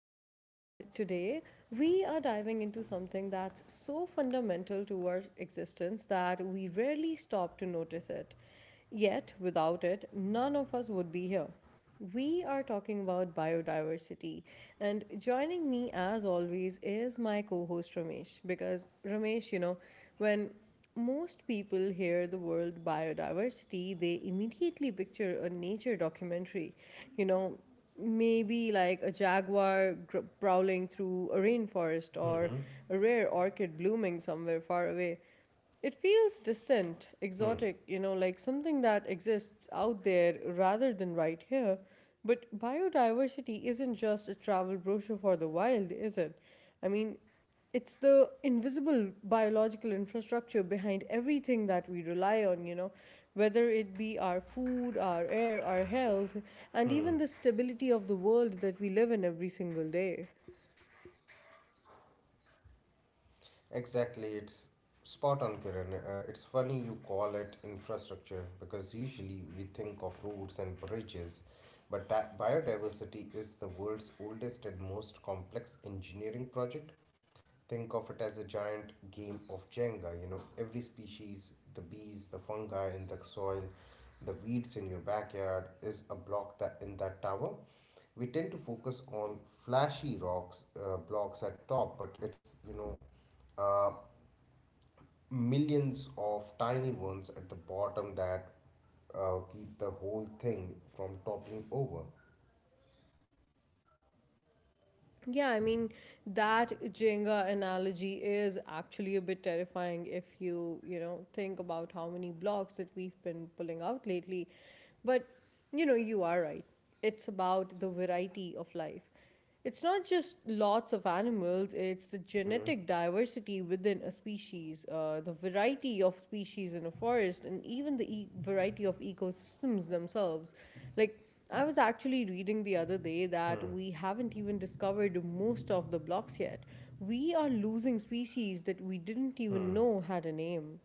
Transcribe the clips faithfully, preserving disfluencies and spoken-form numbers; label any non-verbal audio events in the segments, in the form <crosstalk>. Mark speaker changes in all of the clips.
Speaker 1: Kiran, and today we are diving into something that's so fundamental to our existence that we rarely stop to notice it. Yet, without it, none of us would be here. We are talking about biodiversity, and joining me as always is my co host Ramesh. Because, Ramesh, you know, when most people hear the word biodiversity, they immediately picture a nature documentary, you know, maybe like a jaguar gr- prowling through a rainforest or a rare orchid blooming somewhere far away. It feels distant, exotic, you know, like something that exists out there rather than right here. But biodiversity isn't just a travel brochure for the wild, is it? I mean, it's the invisible biological infrastructure behind everything that we rely on, you know, whether it be our food, our air, our health, and even the stability of the world that we live in every single day.
Speaker 2: Exactly, it's spot on, Kiran. Uh, it's funny you call it infrastructure because usually we think of roads and bridges, but di- biodiversity is the world's oldest and most complex engineering project. Think of it as a giant game of Jenga, you know, every species, the bees, the fungi in the soil, the weeds in your backyard is a block that in that tower we tend to focus on flashy rocks uh, blocks at top, but it's you know uh, millions of tiny ones at the bottom that uh, keep the whole thing from toppling over.
Speaker 1: Yeah, I mean, that Jenga analogy is actually a bit terrifying if you, you know, think about how many blocks that we've been pulling out lately. But you know, you are right. It's about the variety of life. It's not just lots of animals, it's the
Speaker 2: Mm-hmm.
Speaker 1: genetic diversity within a species, uh, the variety of species in a forest, and even the e- variety of ecosystems themselves. Like, I was actually reading the other day that
Speaker 2: Hmm.
Speaker 1: we haven't even discovered most of the blocks yet. We are losing species that we didn't even
Speaker 2: Hmm.
Speaker 1: know had a name.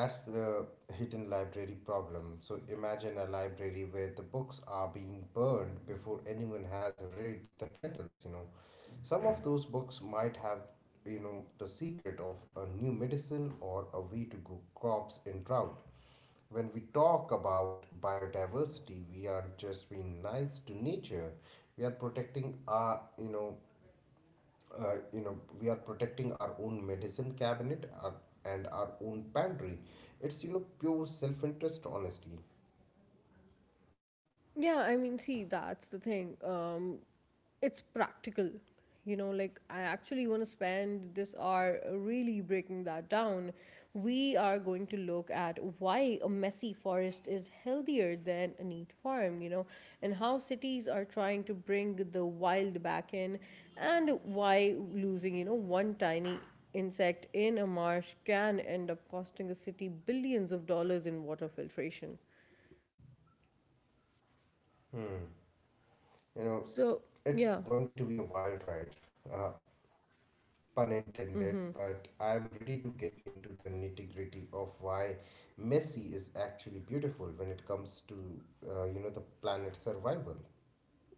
Speaker 2: That's the hidden library problem. So imagine a library where the books are being burned before anyone has read the titles, you know. Some of those books might have, you know, the secret of a new medicine or a way to grow crops in drought. When we talk about biodiversity, we are just being nice to nature. We are protecting our, you know, uh, you know, we are protecting our own medicine cabinet our, and our own pantry. It's you know pure self-interest, honestly.
Speaker 1: Yeah, I mean, see, that's the thing. Um, it's practical, you know like i actually want to spend this hour really breaking that down. We are going to look at why a messy forest is healthier than a neat farm, you know, and how cities are trying to bring the wild back in, and why losing, you know, one tiny insect in a marsh can end up costing a city billions of dollars in water filtration.
Speaker 2: Hmm. You know,
Speaker 1: So yeah.
Speaker 2: it's going to be a wild ride, uh, pun intended. But I'm ready to get into the nitty-gritty of why Messi is actually beautiful when it comes to, uh, you know, the planet's survival.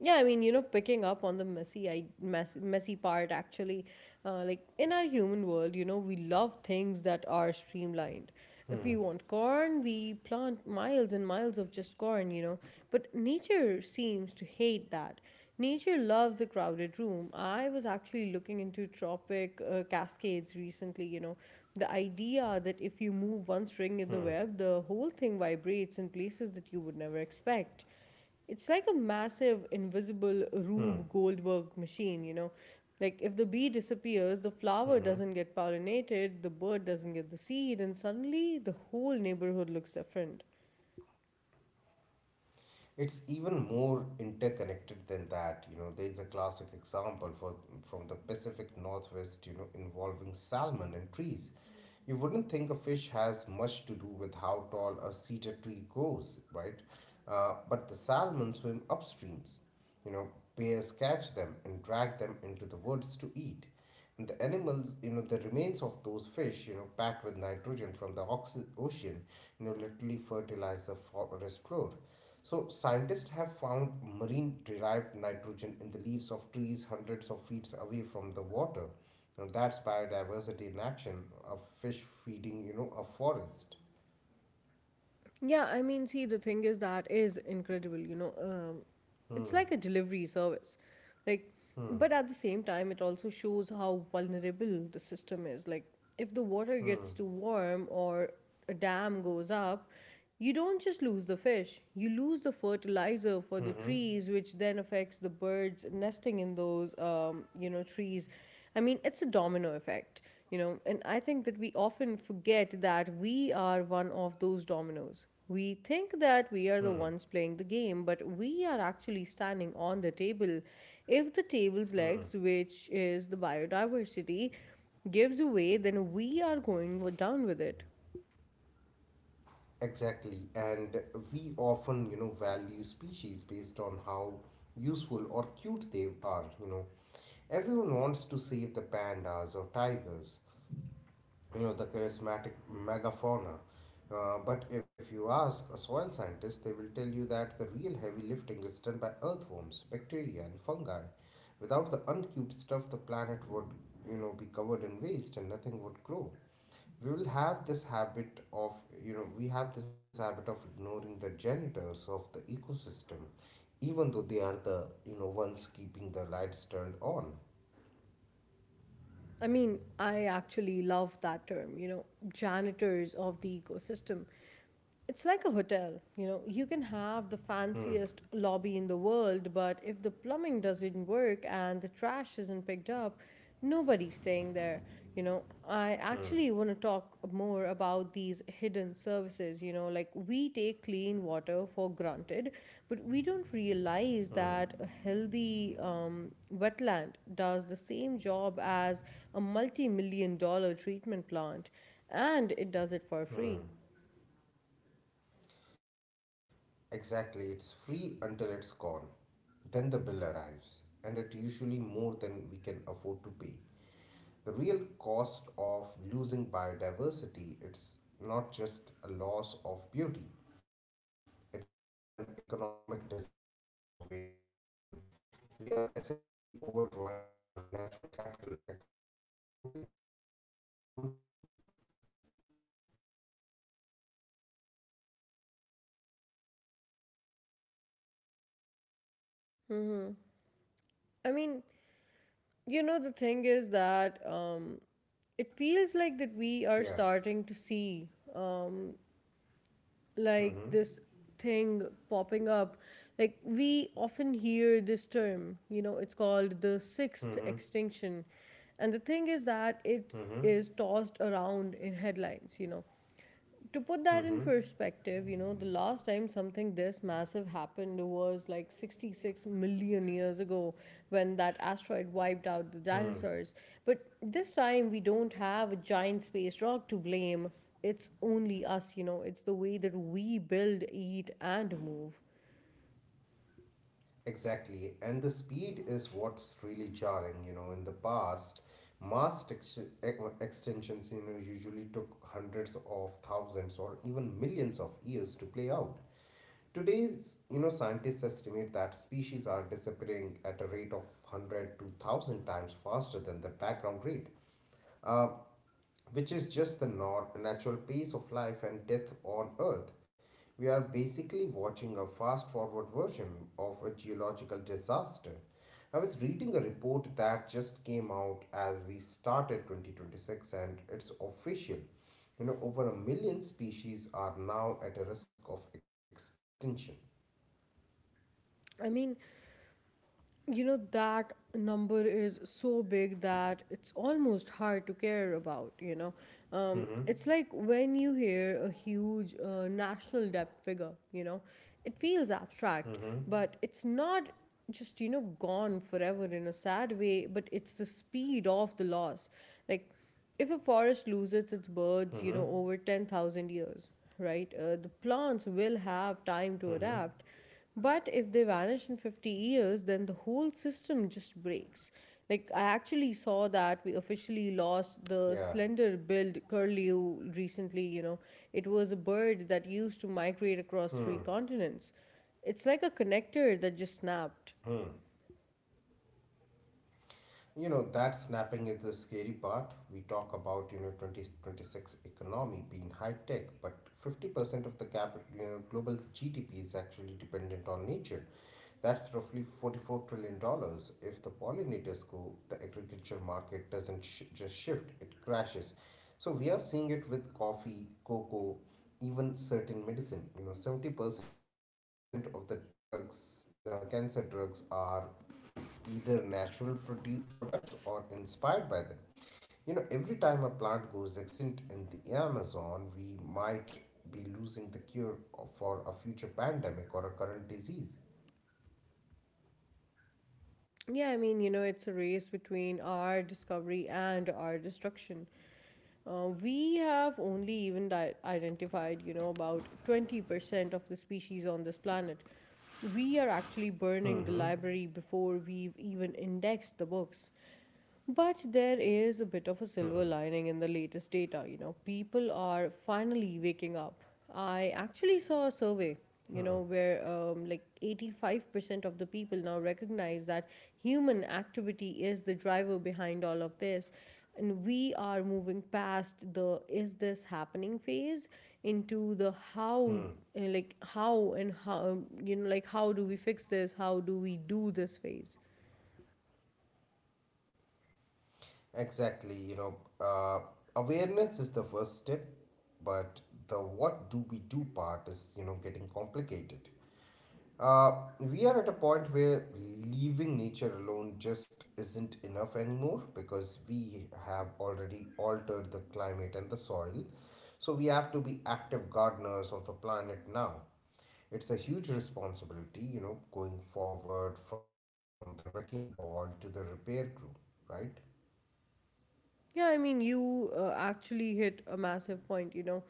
Speaker 1: Yeah, I mean, you know, picking up on the messy, I mess, messy part actually, uh, like in our human world, you know, we love things that are streamlined.
Speaker 2: Hmm.
Speaker 1: If we want corn, we plant miles and miles of just corn, you know. But nature seems to hate that. Nature loves a crowded room. I was actually looking into tropic uh, cascades recently, you know. The idea that if you move one string
Speaker 2: Hmm.
Speaker 1: in the web, the whole thing vibrates in places that you would never expect. It's like a massive
Speaker 2: Hmm.
Speaker 1: invisible Rube Goldberg machine, you know. Like if the bee disappears, the
Speaker 2: Hmm.
Speaker 1: flower doesn't get pollinated, the bird doesn't get the seed, and suddenly the whole neighborhood looks different.
Speaker 2: It's even more interconnected than that. You know, there is a classic example for from the Pacific Northwest. You know, involving salmon and trees. You wouldn't think a fish has much to do with how tall a cedar tree goes, right? Uh, but the salmon swim upstreams. You know, bears catch them and drag them into the woods to eat. And the animals, you know, the remains of those fish, you know, packed with nitrogen from the oxy- ocean, you know, literally fertilize the forest floor. So scientists have found marine derived nitrogen in the leaves of trees hundreds of feet away from the water. And that's biodiversity in action, a fish feeding, you know, a forest.
Speaker 1: Yeah, I mean, see, the thing is that is incredible. You know, um, it's
Speaker 2: Hmm,
Speaker 1: like a delivery service, like,
Speaker 2: hmm,
Speaker 1: but at the same time, it also shows how vulnerable the system is. Like, if the water gets
Speaker 2: hmm,
Speaker 1: too warm or a dam goes up, you don't just lose the fish; you lose the
Speaker 2: hmm, hmm,
Speaker 1: fertilizer for the trees, which then affects the birds nesting in those, um, you know, trees. I mean, it's a domino effect, you know, and I think that we often forget that we are one of those dominoes. We think
Speaker 2: hmm,
Speaker 1: that we are the ones playing the game, but we are actually standing on the table. If the
Speaker 2: hmm.
Speaker 1: table's legs, which is the biodiversity, gives away, then we are going down with it.
Speaker 2: Exactly. And we often, you know, value species based on how useful or cute they are, you know. Everyone wants to save the pandas or tigers, you know, the charismatic megafauna. Uh, but if you ask a soil scientist, they will tell you that the real heavy lifting is done by earthworms, bacteria, and fungi. Without the uncute stuff, the planet would, you know, be covered in waste and nothing would grow. We will have this habit of, you know, we have this habit of ignoring the janitors of the ecosystem, even though they are the, you know, ones keeping the lights turned on.
Speaker 1: I mean, I actually love that term, you know, janitors of the ecosystem. It's like a hotel, you know, you can have the
Speaker 2: Hmm.
Speaker 1: fanciest lobby in the world, but if the plumbing doesn't work and the trash isn't picked up, nobody's staying there. You know, I actually want
Speaker 2: Hmm.
Speaker 1: to talk more about these hidden services. You know, like we take clean water for granted, but we don't realize that a
Speaker 2: Hmm.
Speaker 1: healthy um, wetland does the same job as a multi million dollar treatment plant, and it does it for free.
Speaker 2: Hmm. Exactly, it's free until it's gone. Then the bill arrives, and it's usually more than we can afford to pay. The real cost of losing biodiversity, it's not just a loss of beauty. It's an economic disaster waiting to happen. We are essentially overdrawing our natural capital account and hoping the bank doesn't notice.
Speaker 1: I mean, you know, the thing is that um, it feels like that we are
Speaker 2: Yeah.
Speaker 1: starting to see, um,
Speaker 2: Mm-hmm.
Speaker 1: like this thing popping up, like we often hear this term, you know, it's called the sixth
Speaker 2: Mm-hmm.
Speaker 1: extinction, and the thing is that it
Speaker 2: Mm-hmm.
Speaker 1: is tossed around in headlines, you know. To put that in
Speaker 2: Mm-hmm.
Speaker 1: perspective, you know, the last time something this massive happened was like sixty-six million years ago when that asteroid
Speaker 2: Hmm.
Speaker 1: wiped out the dinosaurs. But this time we don't have a giant space rock to blame. It's only us, you know, it's the way that we build, eat, and move.
Speaker 2: Exactly, and the speed is what's really jarring. You know, in the past, mast ex- ex- extensions, you know, usually took hundreds of thousands or even millions of years to play out. Today's, you know, scientists estimate that species are disappearing at a rate of one hundred to one thousand times faster than the background rate. Uh, which is just the nor- natural pace of life and death on Earth. We are basically watching a fast forward version of a geological disaster. I was reading a report that just came out as we started twenty twenty-six, and it's official. You know, over a million species are now at a risk of extinction.
Speaker 1: I mean, you know, that number is so big that it's almost hard to care about, you know. Um,
Speaker 2: Mm-hmm.
Speaker 1: it's like when you hear a huge uh, national debt figure, you know, it
Speaker 2: Mm-hmm.
Speaker 1: feels abstract, but it's not just, you know, gone forever in a sad way, but it's the speed of the loss. Like, if a
Speaker 2: Mm-hmm.
Speaker 1: forest loses its birds, you know, over ten thousand years, right, uh, the plants will
Speaker 2: Mm-hmm.
Speaker 1: have time to adapt. But if they vanish in fifty years, then the whole system just breaks. Like, I actually saw that
Speaker 2: Yeah.
Speaker 1: we officially lost the slender billed curlew recently, you know. It was a bird that used to
Speaker 2: Hmm.
Speaker 1: migrate across three continents. It's like a connector that just snapped.
Speaker 2: You know, that snapping is the scary part. We talk about, you know, twenty twenty-six economy being high tech, but fifty percent of the cap, you know, global G D P is actually dependent on nature. That's roughly forty-four trillion. dollars. If the pollinators go, the agriculture market doesn't sh- just shift, it crashes. So we are seeing it with coffee, cocoa, even certain medicine. You know, seventy percent of the drugs, uh, cancer drugs, are either natural produ- products or inspired by them. You know, every time a plant goes extinct in the Amazon, we might be losing the cure for a future pandemic or a current disease.
Speaker 1: Yeah, I mean, you know, it's a race between our discovery and our destruction. Uh, we have only even di- identified, you know, about twenty percent of the species on this planet. We are actually burning the library
Speaker 2: Mm-hmm.
Speaker 1: before we've even indexed the books. But there is a bit of a silver lining in the latest data. You know, people are finally waking up. I actually saw a survey, you know, where um, like eighty-five percent of the people now recognize that human activity is the driver behind all of this. And we are moving past the is this happening phase into the how, uh, like how and how um, you know like how do we fix this, how do we do this phase.
Speaker 2: Exactly, you know, uh, awareness is the first step, but the what do we do part is, you know, getting complicated. Uh, we are at a point where leaving nature alone just isn't enough anymore because we have already altered the climate and the soil. So we have to be active gardeners of the planet now. It's a huge responsibility, you know, going forward from the wrecking ball to the repair crew, right?
Speaker 1: Yeah, I mean, you uh, actually hit a massive point, you know.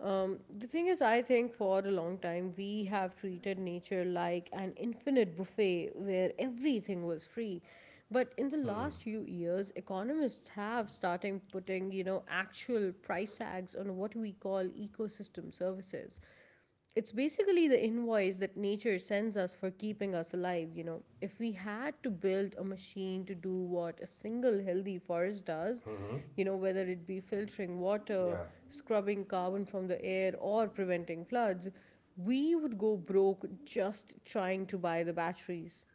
Speaker 1: Um, the thing is, I think for a long time we have treated nature like an infinite buffet where everything was free. But
Speaker 2: Hmm.
Speaker 1: in the last few years, economists have started putting, you know, actual price tags on what we call ecosystem services. It's basically the
Speaker 2: Yeah.
Speaker 1: invoice that nature sends us for keeping us alive, you know. If we had to build a machine to do what a single healthy
Speaker 2: Mm-hmm.
Speaker 1: forest does, you know, whether it be
Speaker 2: Yeah,
Speaker 1: filtering water, scrubbing carbon from the air, or preventing floods, we would go broke just trying to buy the batteries.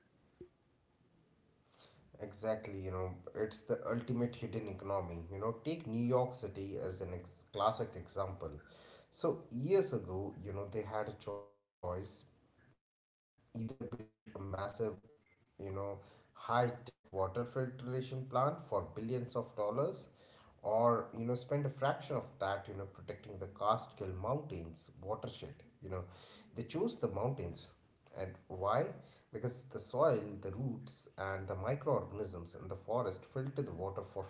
Speaker 2: exactly. You know, it's the ultimate hidden economy. You know, take New York City as an ex- classic example. So, years ago, you know, they had a choice: either build a massive, you know, high tech water filtration plant for billions of dollars, or you know, spend a fraction of that, you know, protecting the Catskill Mountains watershed, you know. They chose the mountains. And why? Because the soil, the roots, and the microorganisms in the forest filter the water for free,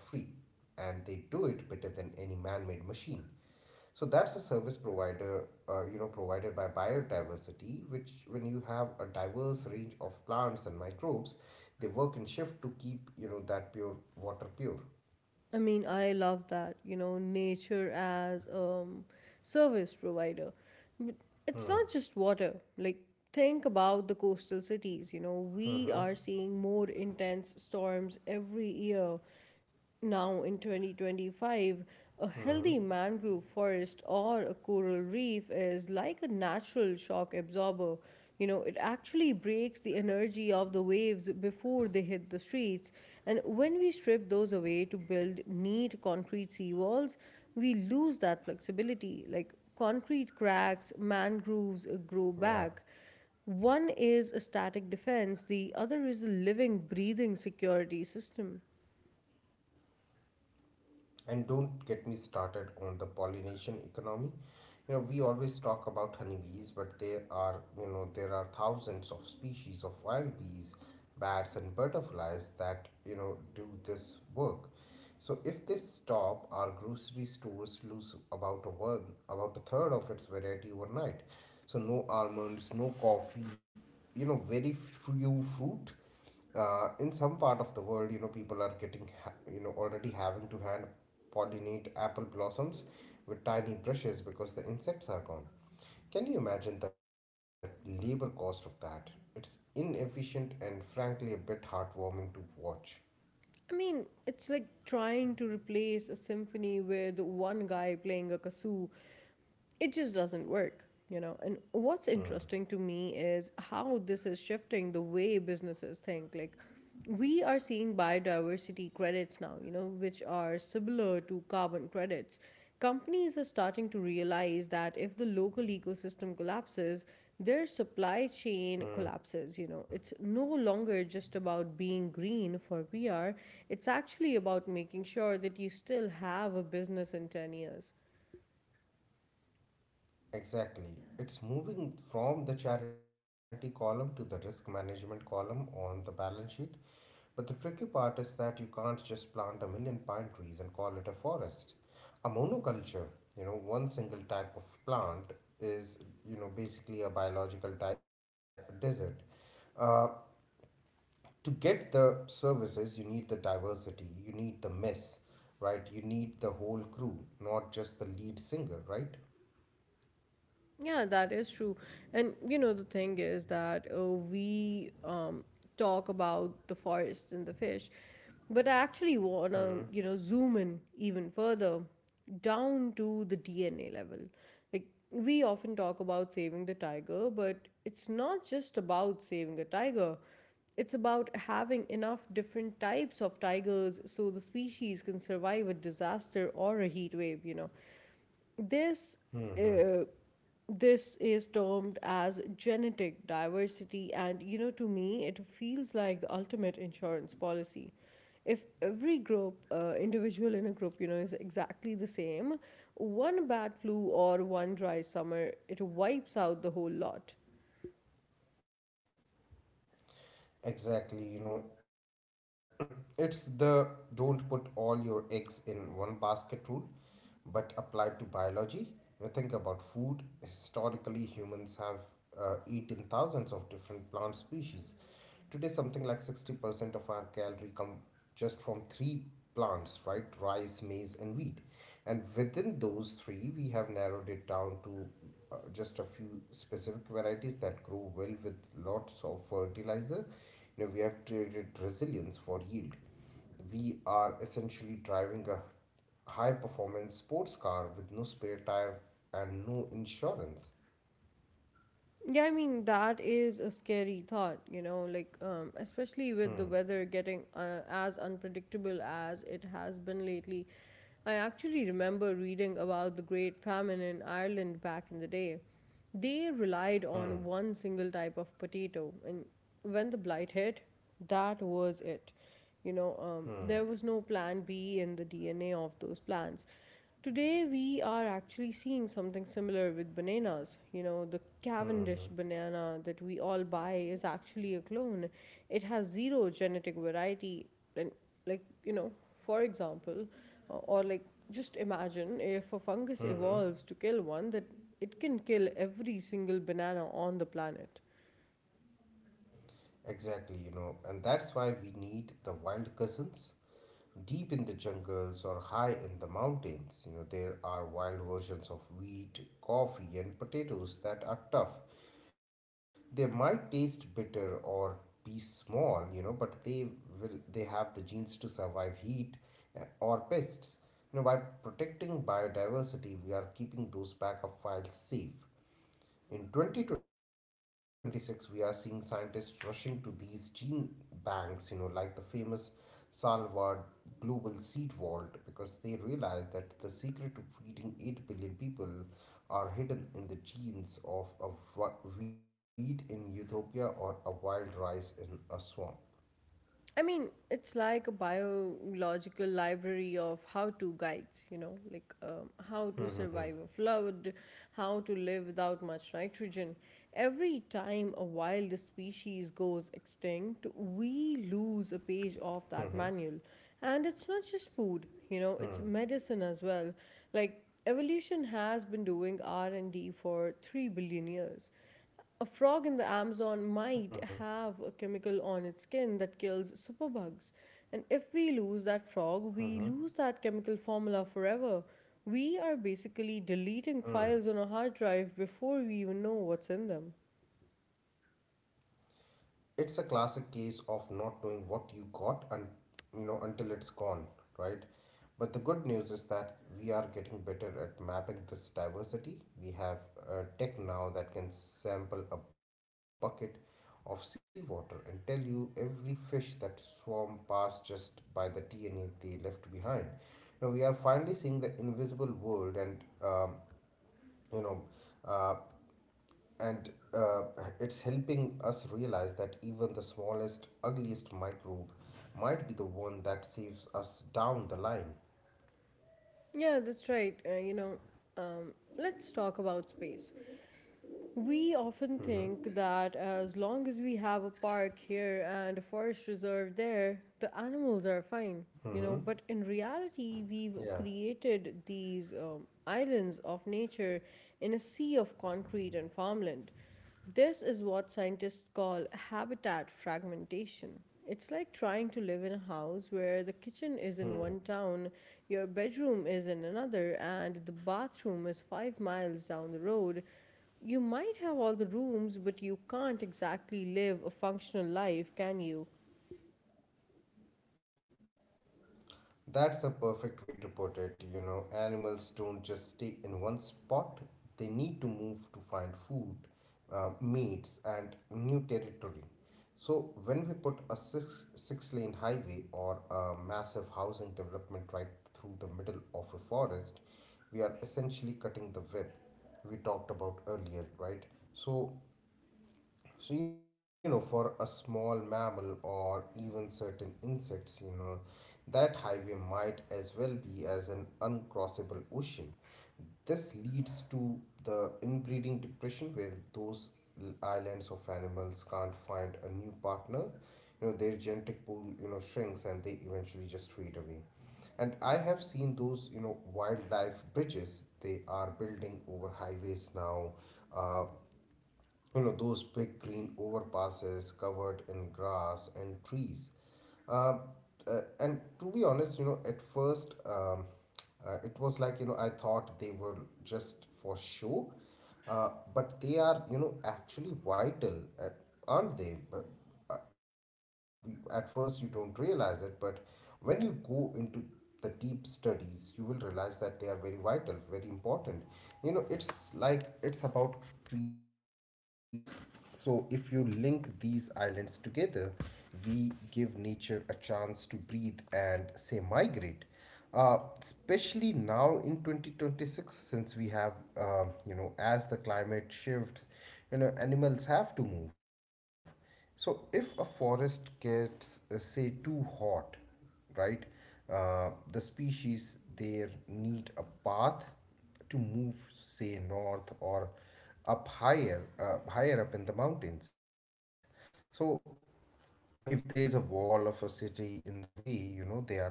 Speaker 2: and they do it better than any man-made machine. So that's a service provider, uh, you know, provided by biodiversity, which when you have a diverse range of plants and microbes, they work in shift to keep, you know, that pure water pure.
Speaker 1: I mean, I love that, you know, nature as um service provider. But it's not
Speaker 2: Hmm,
Speaker 1: just water. Like think about the coastal
Speaker 2: hmm,
Speaker 1: cities, you know, we are seeing more intense storms every year now in
Speaker 2: hmm.
Speaker 1: twenty twenty-five. A healthy mangrove forest or a coral reef is like a natural shock absorber. You know, it actually breaks the energy of the waves before they hit the streets. And when we strip those away to build neat concrete seawalls, we lose that flexibility. Like concrete cracks,
Speaker 2: Yeah.
Speaker 1: mangroves uh, grow back. One is a static defense, the other is a living, breathing security system.
Speaker 2: And don't get me started on the pollination economy. You know, we always talk about honeybees, but there are, you know, there are thousands of species of wild bees, bats, and butterflies that, you know, do this work. So if they stop, our grocery stores lose about a one, about a third of its variety overnight. So no almonds, no coffee, you know, very few fruit uh, In some part of the world, you know, people are getting ha- you know already having to hand pollinate apple blossoms with tiny brushes because the insects are gone. Can you imagine the labor cost of that? It's inefficient and frankly a bit heartwarming to watch.
Speaker 1: I mean, it's like trying to replace a symphony with one guy playing a kazoo. It just doesn't work, you know, and what's interesting to me
Speaker 2: Hmm.
Speaker 1: is how this is shifting the way businesses think. Like we are seeing biodiversity credits now, you know, which are similar to carbon credits. Companies are starting to realize that if the local ecosystem collapses, their supply chain collapses, you
Speaker 2: Hmm.
Speaker 1: know. It's no longer just about being green for PR, it's actually about making sure that you still have a business in ten years.
Speaker 2: Exactly. It's moving from the charity column to the risk management column on the balance sheet. But the tricky part is that you can't just plant a million pine trees and call it a forest. A monoculture, you know, one single type of plant, is, you know, basically a biological type desert. Uh, to get the services, you need the diversity, you need the mess, right? You need the whole crew, not just the lead singer, right?
Speaker 1: Yeah, that is true. And you know, the thing is that uh, we um, talk about the forest and the fish, but I actually
Speaker 2: Hmm.
Speaker 1: want to, you know, zoom in even further down to the D N A level. Like, we often talk about saving the tiger, but it's not just about saving a
Speaker 2: Yeah.
Speaker 1: tiger. It's about having enough different types of tigers so the species can survive a disaster or a heat wave, you know. This
Speaker 2: Hmm.
Speaker 1: uh, this is termed as genetic diversity, and you know, to me it feels like the ultimate insurance policy. If every group uh, individual in a group, you know, is exactly the same, one bad flu or one dry summer it wipes out the whole lot.
Speaker 2: Exactly, you know, <clears throat> it's the don't put all your eggs in one basket rule, but applied to biology. When you think about food, historically humans have uh, eaten thousands of different plant species. Today, something like sixty percent of our calorie come just from three plants, right? Rice, maize, and wheat. And within those three, we have narrowed it down to uh, just a few specific varieties that grow well with lots of fertilizer. You know, we have traded resilience for yield. We are essentially driving a high performance sports car with no spare tire and no insurance.
Speaker 1: Yeah, I mean, that is a scary thought, you know, like, um, especially with the
Speaker 2: Hmm,
Speaker 1: weather getting uh, as unpredictable as it has been lately. I actually remember reading about the Great Famine in Ireland back in the day. They relied on one
Speaker 2: hmm,
Speaker 1: single type of potato, and when the blight hit, that was it. You know, um, there was
Speaker 2: hmm,
Speaker 1: no plan B in the D N A of those plants. Today, we are actually seeing something similar with bananas. You know, the Cavendish banana that we all buy is actually a clone. It has zero genetic variety. And, like, you know, for example, uh, or like Just imagine if a fungus
Speaker 2: hmm,
Speaker 1: evolves
Speaker 2: hmm.
Speaker 1: to kill one, that it can kill every single banana on the planet.
Speaker 2: Exactly, you know, and that's why we need the wild cousins. Deep in the jungles or high in the mountains, you know, there are wild versions of wheat, coffee, and potatoes that are tough. They might taste bitter or be small, you know, but they will they have the genes to survive heat, uh, or pests. You know, by protecting biodiversity, we are keeping those backup files safe. In twenty twenty-six, we are seeing scientists rushing to these gene banks, you know, like the famous salvad global seed vault, because they realize that the secret to feeding eight billion people are hidden in the genes of a weed in utopia or a wild rice in a swamp.
Speaker 1: I mean, it's like a biological library of how to guides, you know, like um, how to
Speaker 2: Hmm,
Speaker 1: survive a
Speaker 2: hmm,
Speaker 1: flood, how to live without much nitrogen. Every time a wild species goes extinct, we lose a page of that
Speaker 2: hmm,
Speaker 1: manual. And it's not just food, you know,
Speaker 2: hmm,
Speaker 1: it's
Speaker 2: hmm,
Speaker 1: medicine as well. Like evolution has been doing R and D for three billion years. A frog in the
Speaker 2: hmm,
Speaker 1: Amazon
Speaker 2: hmm,
Speaker 1: might have a chemical on its skin that kills superbugs. And if we lose that frog,
Speaker 2: hmm, hmm,
Speaker 1: we lose that chemical formula forever. We are basically deleting
Speaker 2: hmm.
Speaker 1: files on a hard drive before we even know what's in them.
Speaker 2: It's a classic case of not knowing what you got and, you know, until it's gone, right? But the good news is that we are getting better at mapping this diversity. We have a tech now that can sample a bucket of seawater and tell you every fish that swam past just by the D N A they left behind. Now we are finally seeing the invisible world, and um, you know uh, and uh, it's helping us realize that even the smallest, ugliest microbe might be the one that saves us down the line.
Speaker 1: Yeah, that's right. Uh, you know, um, let's talk about space. We often think that
Speaker 2: Mm-hmm.
Speaker 1: as long as we have a park here and a forest reserve there, the animals are fine, you know. But in
Speaker 2: Mm-hmm.
Speaker 1: reality, we've
Speaker 2: Yeah.
Speaker 1: created these um, islands of nature in a sea of concrete and farmland. This is what scientists call habitat fragmentation. It's like trying to live in a house where the kitchen
Speaker 2: Hmm.
Speaker 1: is in one town, your bedroom is in another, and the bathroom is five miles down the road. You might have all the rooms, but you can't exactly live a functional life, can you?
Speaker 2: That's a perfect way to put it. You know, animals don't just stay in one spot, they need to move to find food, uh, mates, and new territory. So, when we put a six, six lane highway or a massive housing development right through the middle of a forest, we are essentially cutting the web we talked about earlier, right? So, so, you know, for a small mammal or even certain insects, you know, that highway might as well be as an uncrossable ocean. This leads to the inbreeding depression where those l- islands of animals can't find a new partner. You know, their genetic pool, you know, shrinks and they eventually just fade away. And I have seen those, you know, wildlife bridges they are building over highways now uh, you know, those big green overpasses covered in grass and trees. Uh, uh, and to be honest, you know, at first, um, uh, it was like, you know, I thought they were just for show. Uh, but they are, you know, actually vital, uh, aren't they? But uh, at first, you don't realize it, but when you go into the deep studies, you will realize that they are very vital, very important. You know, it's like it's about creating corridors. So, if you link these islands together, we give nature a chance to breathe and say migrate. Uh, especially now in twenty twenty-six since we have uh, you know, as the climate shifts, you know, animals have to move. So if a forest gets uh, say too hot, right? Uh, the species there need a path to move, say, north or up higher, uh, higher up in the mountains. So if there is a wall of a city in the way, you know, they are trapped. So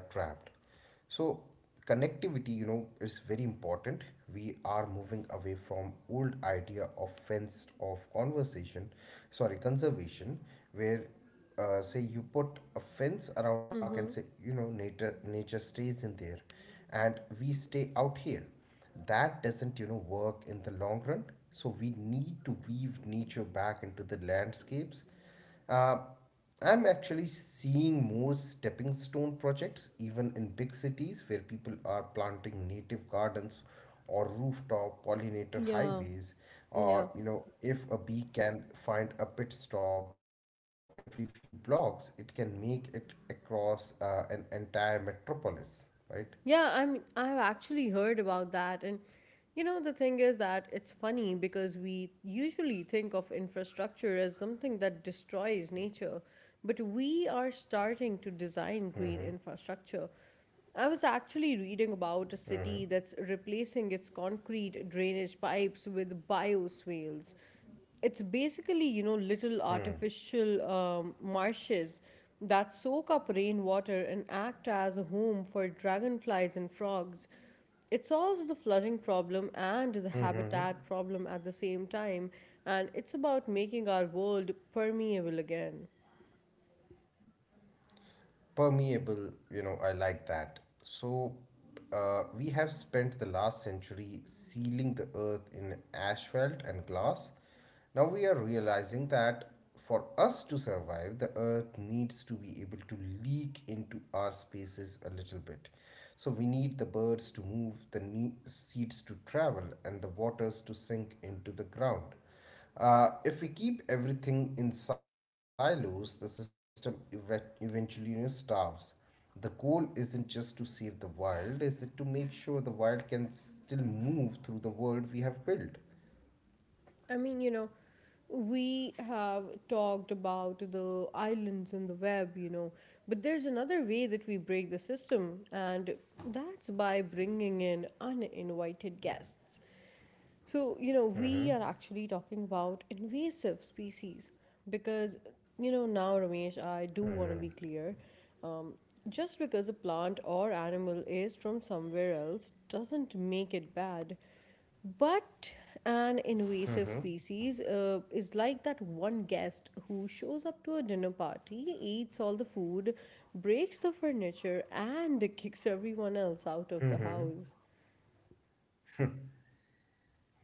Speaker 2: connectivity, you know, is very important. We are moving away from old idea of fenced off conversation, sorry, conservation, where uh, say you put a fence around a park and say, you know,
Speaker 1: Mm-hmm.
Speaker 2: nature nature stays in there and we stay out here. That doesn't, you know, work in the long run. So we need to weave nature back into the landscapes. uh, I'm actually seeing more stepping stone projects, even in big cities where people are planting native gardens or rooftop pollinator
Speaker 1: Yeah,
Speaker 2: highways. Or,
Speaker 1: yeah,
Speaker 2: you know, if a bee can find a pit stop every few blocks, it can make it across uh, an entire metropolis, right?
Speaker 1: yeah. I mean, I've actually heard about that, and you know, the thing is that it's funny because we usually think of infrastructure as something that destroys nature, but we are starting to design green infrastructure. I was actually reading about a city that's replacing its concrete drainage pipes with bioswales. It's basically, you know, little artificial um, marshes that soak up rainwater and act as a home for dragonflies and frogs. It solves the flooding problem and the
Speaker 2: Mm-hmm.
Speaker 1: habitat problem at the same time, and it's about making our world permeable again.
Speaker 2: Permeable, you know, I like that. So uh, we have spent the last century sealing the earth in asphalt and glass. Now we are realizing that for us to survive, the earth needs to be able to leak into our spaces a little bit. So we need the birds to move, the ne- seeds to travel, and the waters to sink into the ground. Uh, if we keep everything in silos, the system ev eventually, you know, starves. The goal isn't just to save the wild, is it, to make sure the wild can still move through the world we have built?
Speaker 1: I mean, you know, we have talked about the islands and the web, you know, but there's another way that we break the system, and that's by bringing in uninvited guests. So, you know, we are actually talking about invasive species because, you know, now, Ramesh, I do want to be clear. Um, just because a plant or animal is from somewhere else doesn't make it bad. But an invasive species uh, is like that one guest who shows up to a dinner party, eats all the food, breaks the furniture, and kicks everyone else out of the house.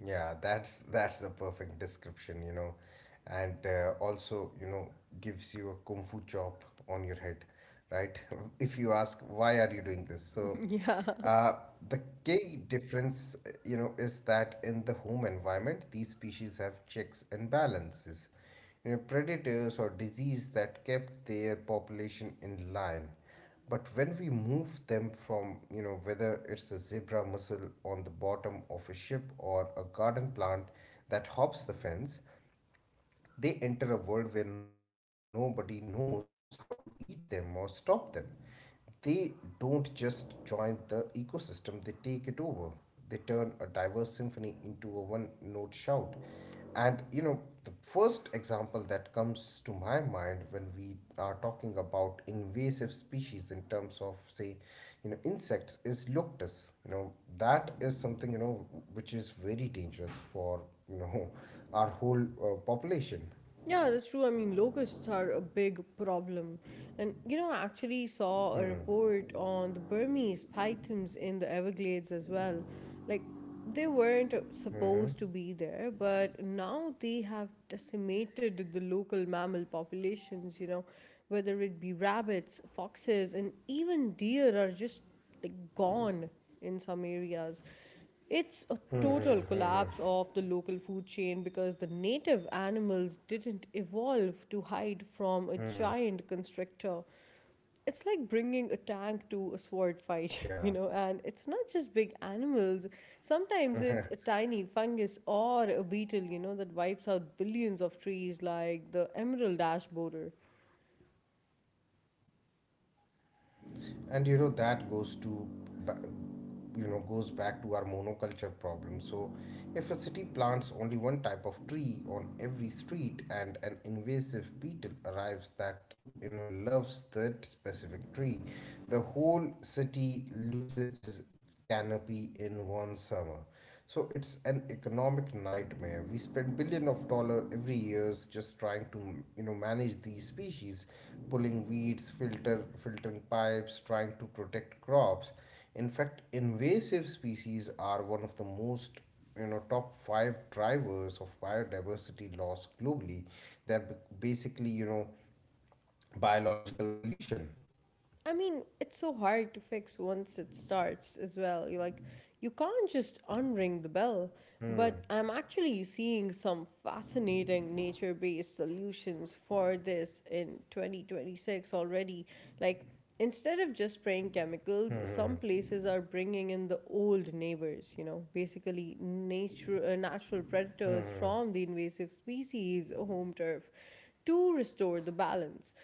Speaker 2: Yeah, that's that's the perfect description, you know, and uh, also you know gives you a kung fu chop on your head, right? <laughs> If you ask why are you doing this, so
Speaker 1: <laughs> Yeah.
Speaker 2: uh, the key difference, uh, you know, is that in the home environment, these species have checks and balances, you know, predators or disease that kept their population in line. But when we move them from, you know, whether it's a zebra mussel on the bottom of a ship or a garden plant that hops the fence, they enter a world where nobody knows how to eat them or stop them. They don't just join the ecosystem, they take it over. They turn a diverse symphony into a one note shout. And you know, the first example that comes to my mind when we are talking about invasive species in terms of, say, you know, insects is locusts. You know, that is something, you know, which is very dangerous for, you know, <laughs> our whole uh,
Speaker 1: Yeah, that's true. I
Speaker 2: population.
Speaker 1: mean, locusts are a big problem. And, you know, I actually saw a report on the Burmese pythons in the Everglades as well. Like, they weren't supposed to be there, but now they have decimated the local mammal populations, you know, whether it be rabbits, foxes, and even deer are just like gone in some areas. It's a total collapse of the local food chain because the native animals didn't evolve to hide from a giant constrictor. It's like bringing a tank to a sword fight,
Speaker 2: Yeah,
Speaker 1: <laughs> you know, and it's not just big animals. Sometimes it's a tiny fungus or a beetle, you know, that wipes out billions of trees like the emerald ash borer.
Speaker 2: and you know that goes to ba- you know, goes back to our monoculture problem. So if a city plants only one type of tree on every street and an invasive beetle arrives that, you know, loves that specific tree, the whole city loses its canopy in one summer. So it's an economic nightmare. We spend billion of dollar every years just trying to, you know, manage these species, pulling weeds, filter filtering pipes, trying to protect crops. In fact, invasive species are one of the most, you know, top five drivers of biodiversity loss globally. They're b- Basically, you know, biological pollution.
Speaker 1: I mean, it's so hard to fix once it starts as well. You like you can't just unring the bell. But I'm actually seeing some fascinating nature-based solutions for this in twenty twenty-six already. Like instead of just spraying chemicals, some places are bringing in the old neighbors, you know, basically nature uh, natural predators from the invasive species home turf to restore the balance.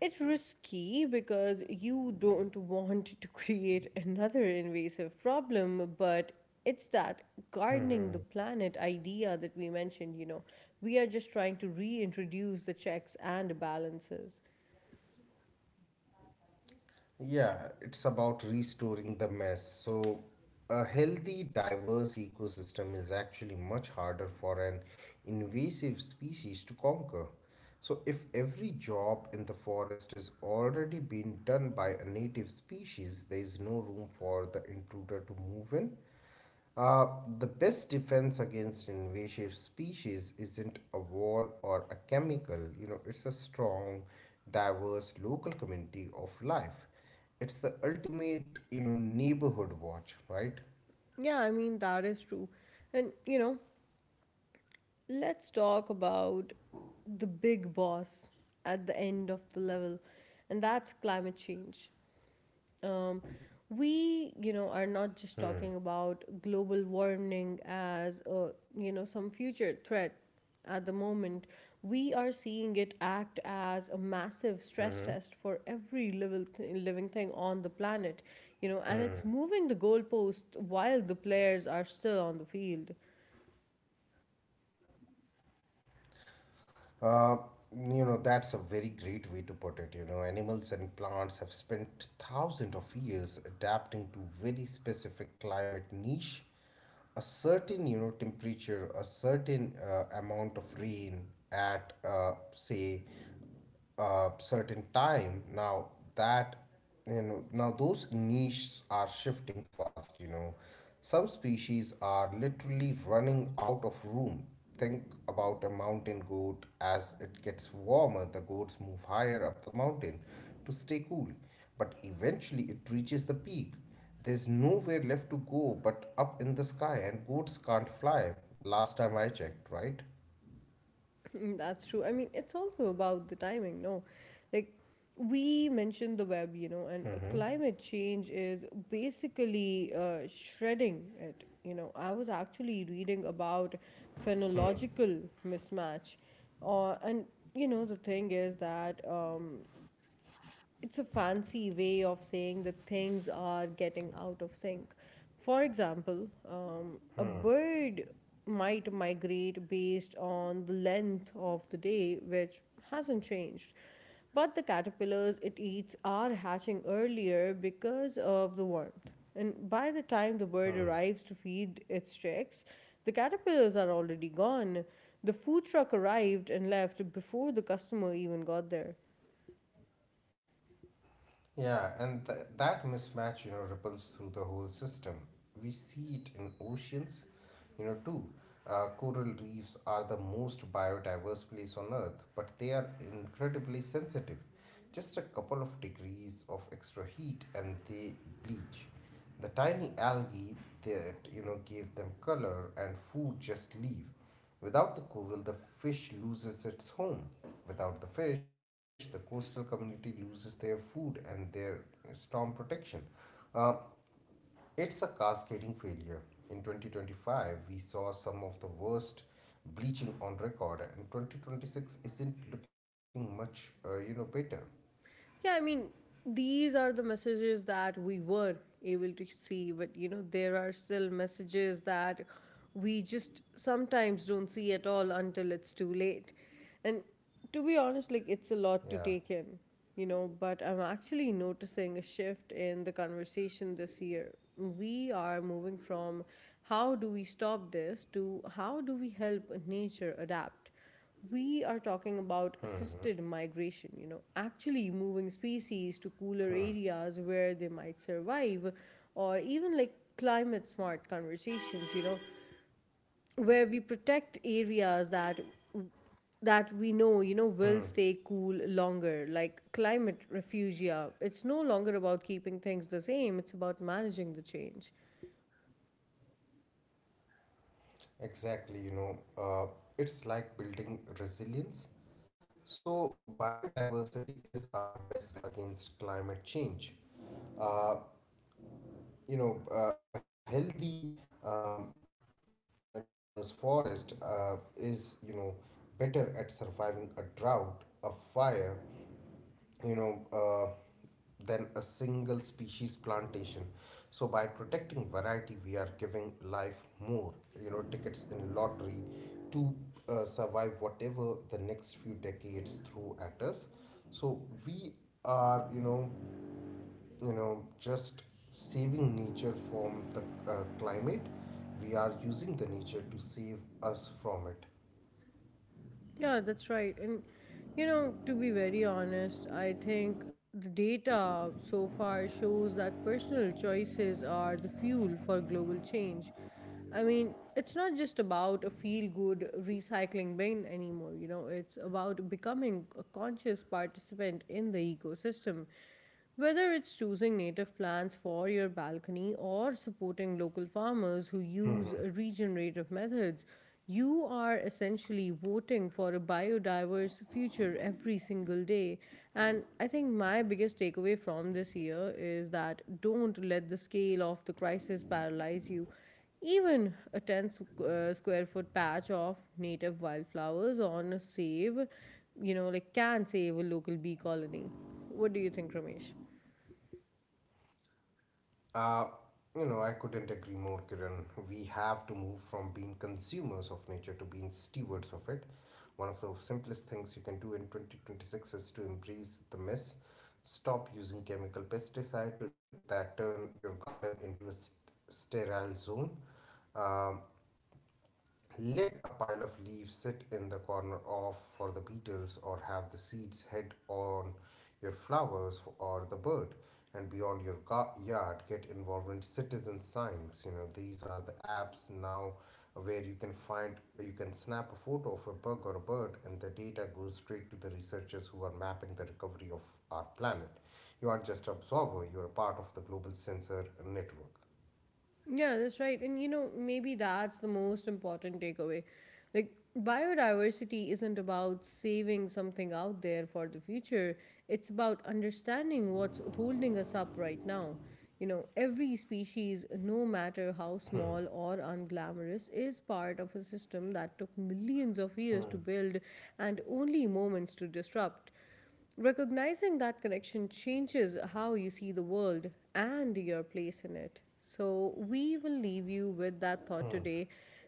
Speaker 1: It's risky because you don't want to create another invasive problem, but it's that gardening the planet idea that we mentioned, you know. We are just trying to reintroduce the checks and balances.
Speaker 2: Yeah, it's about restoring the mess. So, a healthy, diverse ecosystem is actually much harder for an invasive species to conquer. So, if every job in the forest is already being done by a native species, there is no room for the intruder to move in. Uh, the best defense against invasive species isn't a wall or a chemical, you know, it's a strong, diverse local community of life. It's the ultimate, you know, neighborhood watch, right?
Speaker 1: Yeah, I mean, that is true. And, you know, let's talk about the big boss at the end of the level, and that's climate change. um, we you know are not just talking about global warming as a you know some future threat. At the moment we are seeing it act as a massive stress test for every living th- living thing on the planet, you know, and it's moving the goalpost while the players are still on the field.
Speaker 2: Uh, you know, that's a very great way to put it. You know, animals and plants have spent thousands of years adapting to very specific climate niche, a certain, you know, temperature, a certain uh, amount of rain at, uh, say, uh, certain time. Now that, you know, now those niches are shifting fast, you know, some species are literally running out of room. Think about a mountain goat. As it gets warmer, the goats move higher up the mountain to stay cool, but eventually it reaches the peak. There's nowhere left to go but up in the sky, and goats can't fly, last time I checked, right?
Speaker 1: <laughs> Mm, that's true. I mean, it's also about the timing, no? Like, we mentioned the web, you know, and uh, climate change is basically uh, shredding it. You know, I was actually reading about phenological mismatch. Uh, and, you know, the thing is that um, it's a fancy way of saying that things are getting out of sync. For example, um, a bird might migrate based on the length of the day, which hasn't changed. But the caterpillars it eats are hatching earlier because of the warmth. And by the time the bird arrives to feed its chicks, the caterpillars are already gone. The food truck arrived and left before the customer even got there.
Speaker 2: Yeah, and th- that mismatch, you know, ripples through the whole system. We see it in oceans, you know, too. Uh, coral reefs are the most biodiverse place on earth, but they are incredibly sensitive. Just a couple of degrees of extra heat and they bleach. The tiny algae that, you know, gave them color and food just leave. Without the coral, the fish loses its home. Without the fish, the coastal community loses their food and their storm protection. Uh, it's a cascading failure. In twenty twenty-five, we saw some of the worst bleaching on record, and twenty twenty-six isn't looking much, uh, you know, better.
Speaker 1: Yeah, I mean, these are the messages that we were able to see, but you know, there are still messages that we just sometimes don't see at all until it's too late. And to be honest, like, it's a lot to take
Speaker 2: Yeah,
Speaker 1: in, you know, but I'm actually noticing a shift in the conversation this year. We are moving from how do we stop this to how do we help nature adapt. We are talking about assisted migration, you know, actually moving species to cooler areas where they might survive, or even like climate smart conversations, you know, where we protect areas that that we know, you know, will stay cool
Speaker 2: hmm,
Speaker 1: longer, like climate refugia. It's no longer about keeping things the same, it's about managing the change.
Speaker 2: exactly. You know, uh, it's like building resilience. So, biodiversity is our best defense against climate change. Uh, you know, uh, a healthy um, a diverse forest uh, is, you know, better at surviving a drought, a fire, you know, uh, than a single species plantation. So by protecting variety, we are giving life more, you know, tickets in lottery to uh, survive whatever the next few decades throw at us. So we are, you know you know just saving nature from the uh, climate. We are using the nature to save us from it.
Speaker 1: Yeah, that's right. And you know, to be very honest, I think the data so far shows that personal choices are the fuel for global change. I mean, it's not just about a feel good recycling bin anymore, you know, it's about becoming a conscious participant in the ecosystem. Whether it's choosing native plants for your balcony or supporting local farmers who use regenerative methods, you are essentially voting for a biodiverse future every single day. And I think my biggest takeaway from this year is that don't let the scale of the crisis paralyze you. Even a ten squ- uh, square foot patch of native wildflowers on a save, you know, like can save a local bee colony. What do you think, Ramesh?
Speaker 2: Uh, you know, I couldn't agree more, Kiran. We have to move from being consumers of nature to being stewards of it. One of the simplest things you can do in twenty twenty-six is to embrace the mess. Stop using chemical pesticide to, that turn your garden into a st- sterile zone. Um, let a pile of leaves sit in the corner off for the beetles, or have the seeds head on your flowers or the bird. And beyond your ga- yard, get involved in citizen science. You know, these are the apps now where you can find, you can snap a photo of a bug or a bird, and the data goes straight to the researchers who are mapping the recovery of our planet. You aren't just an observer; you are a part of the global sensor network.
Speaker 1: Yeah, that's right. And you know, maybe that's the most important takeaway. Like, biodiversity isn't about saving something out there for the future, it's about understanding what's holding us up right now. You know, every species, no matter how
Speaker 2: <clears throat> Hmm.
Speaker 1: small or unglamorous, is part of a system that took millions of years to
Speaker 2: Hmm.
Speaker 1: build and only moments to disrupt. Recognizing that connection changes how you see the world and your place in it. So, we will leave you with that thought today.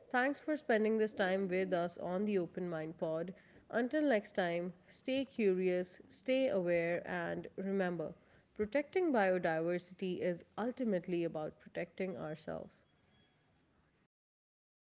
Speaker 1: Thanks for spending this time with us on the Open Mind Pod. Until next time, stay curious, stay aware, and remember protecting biodiversity is ultimately about protecting ourselves.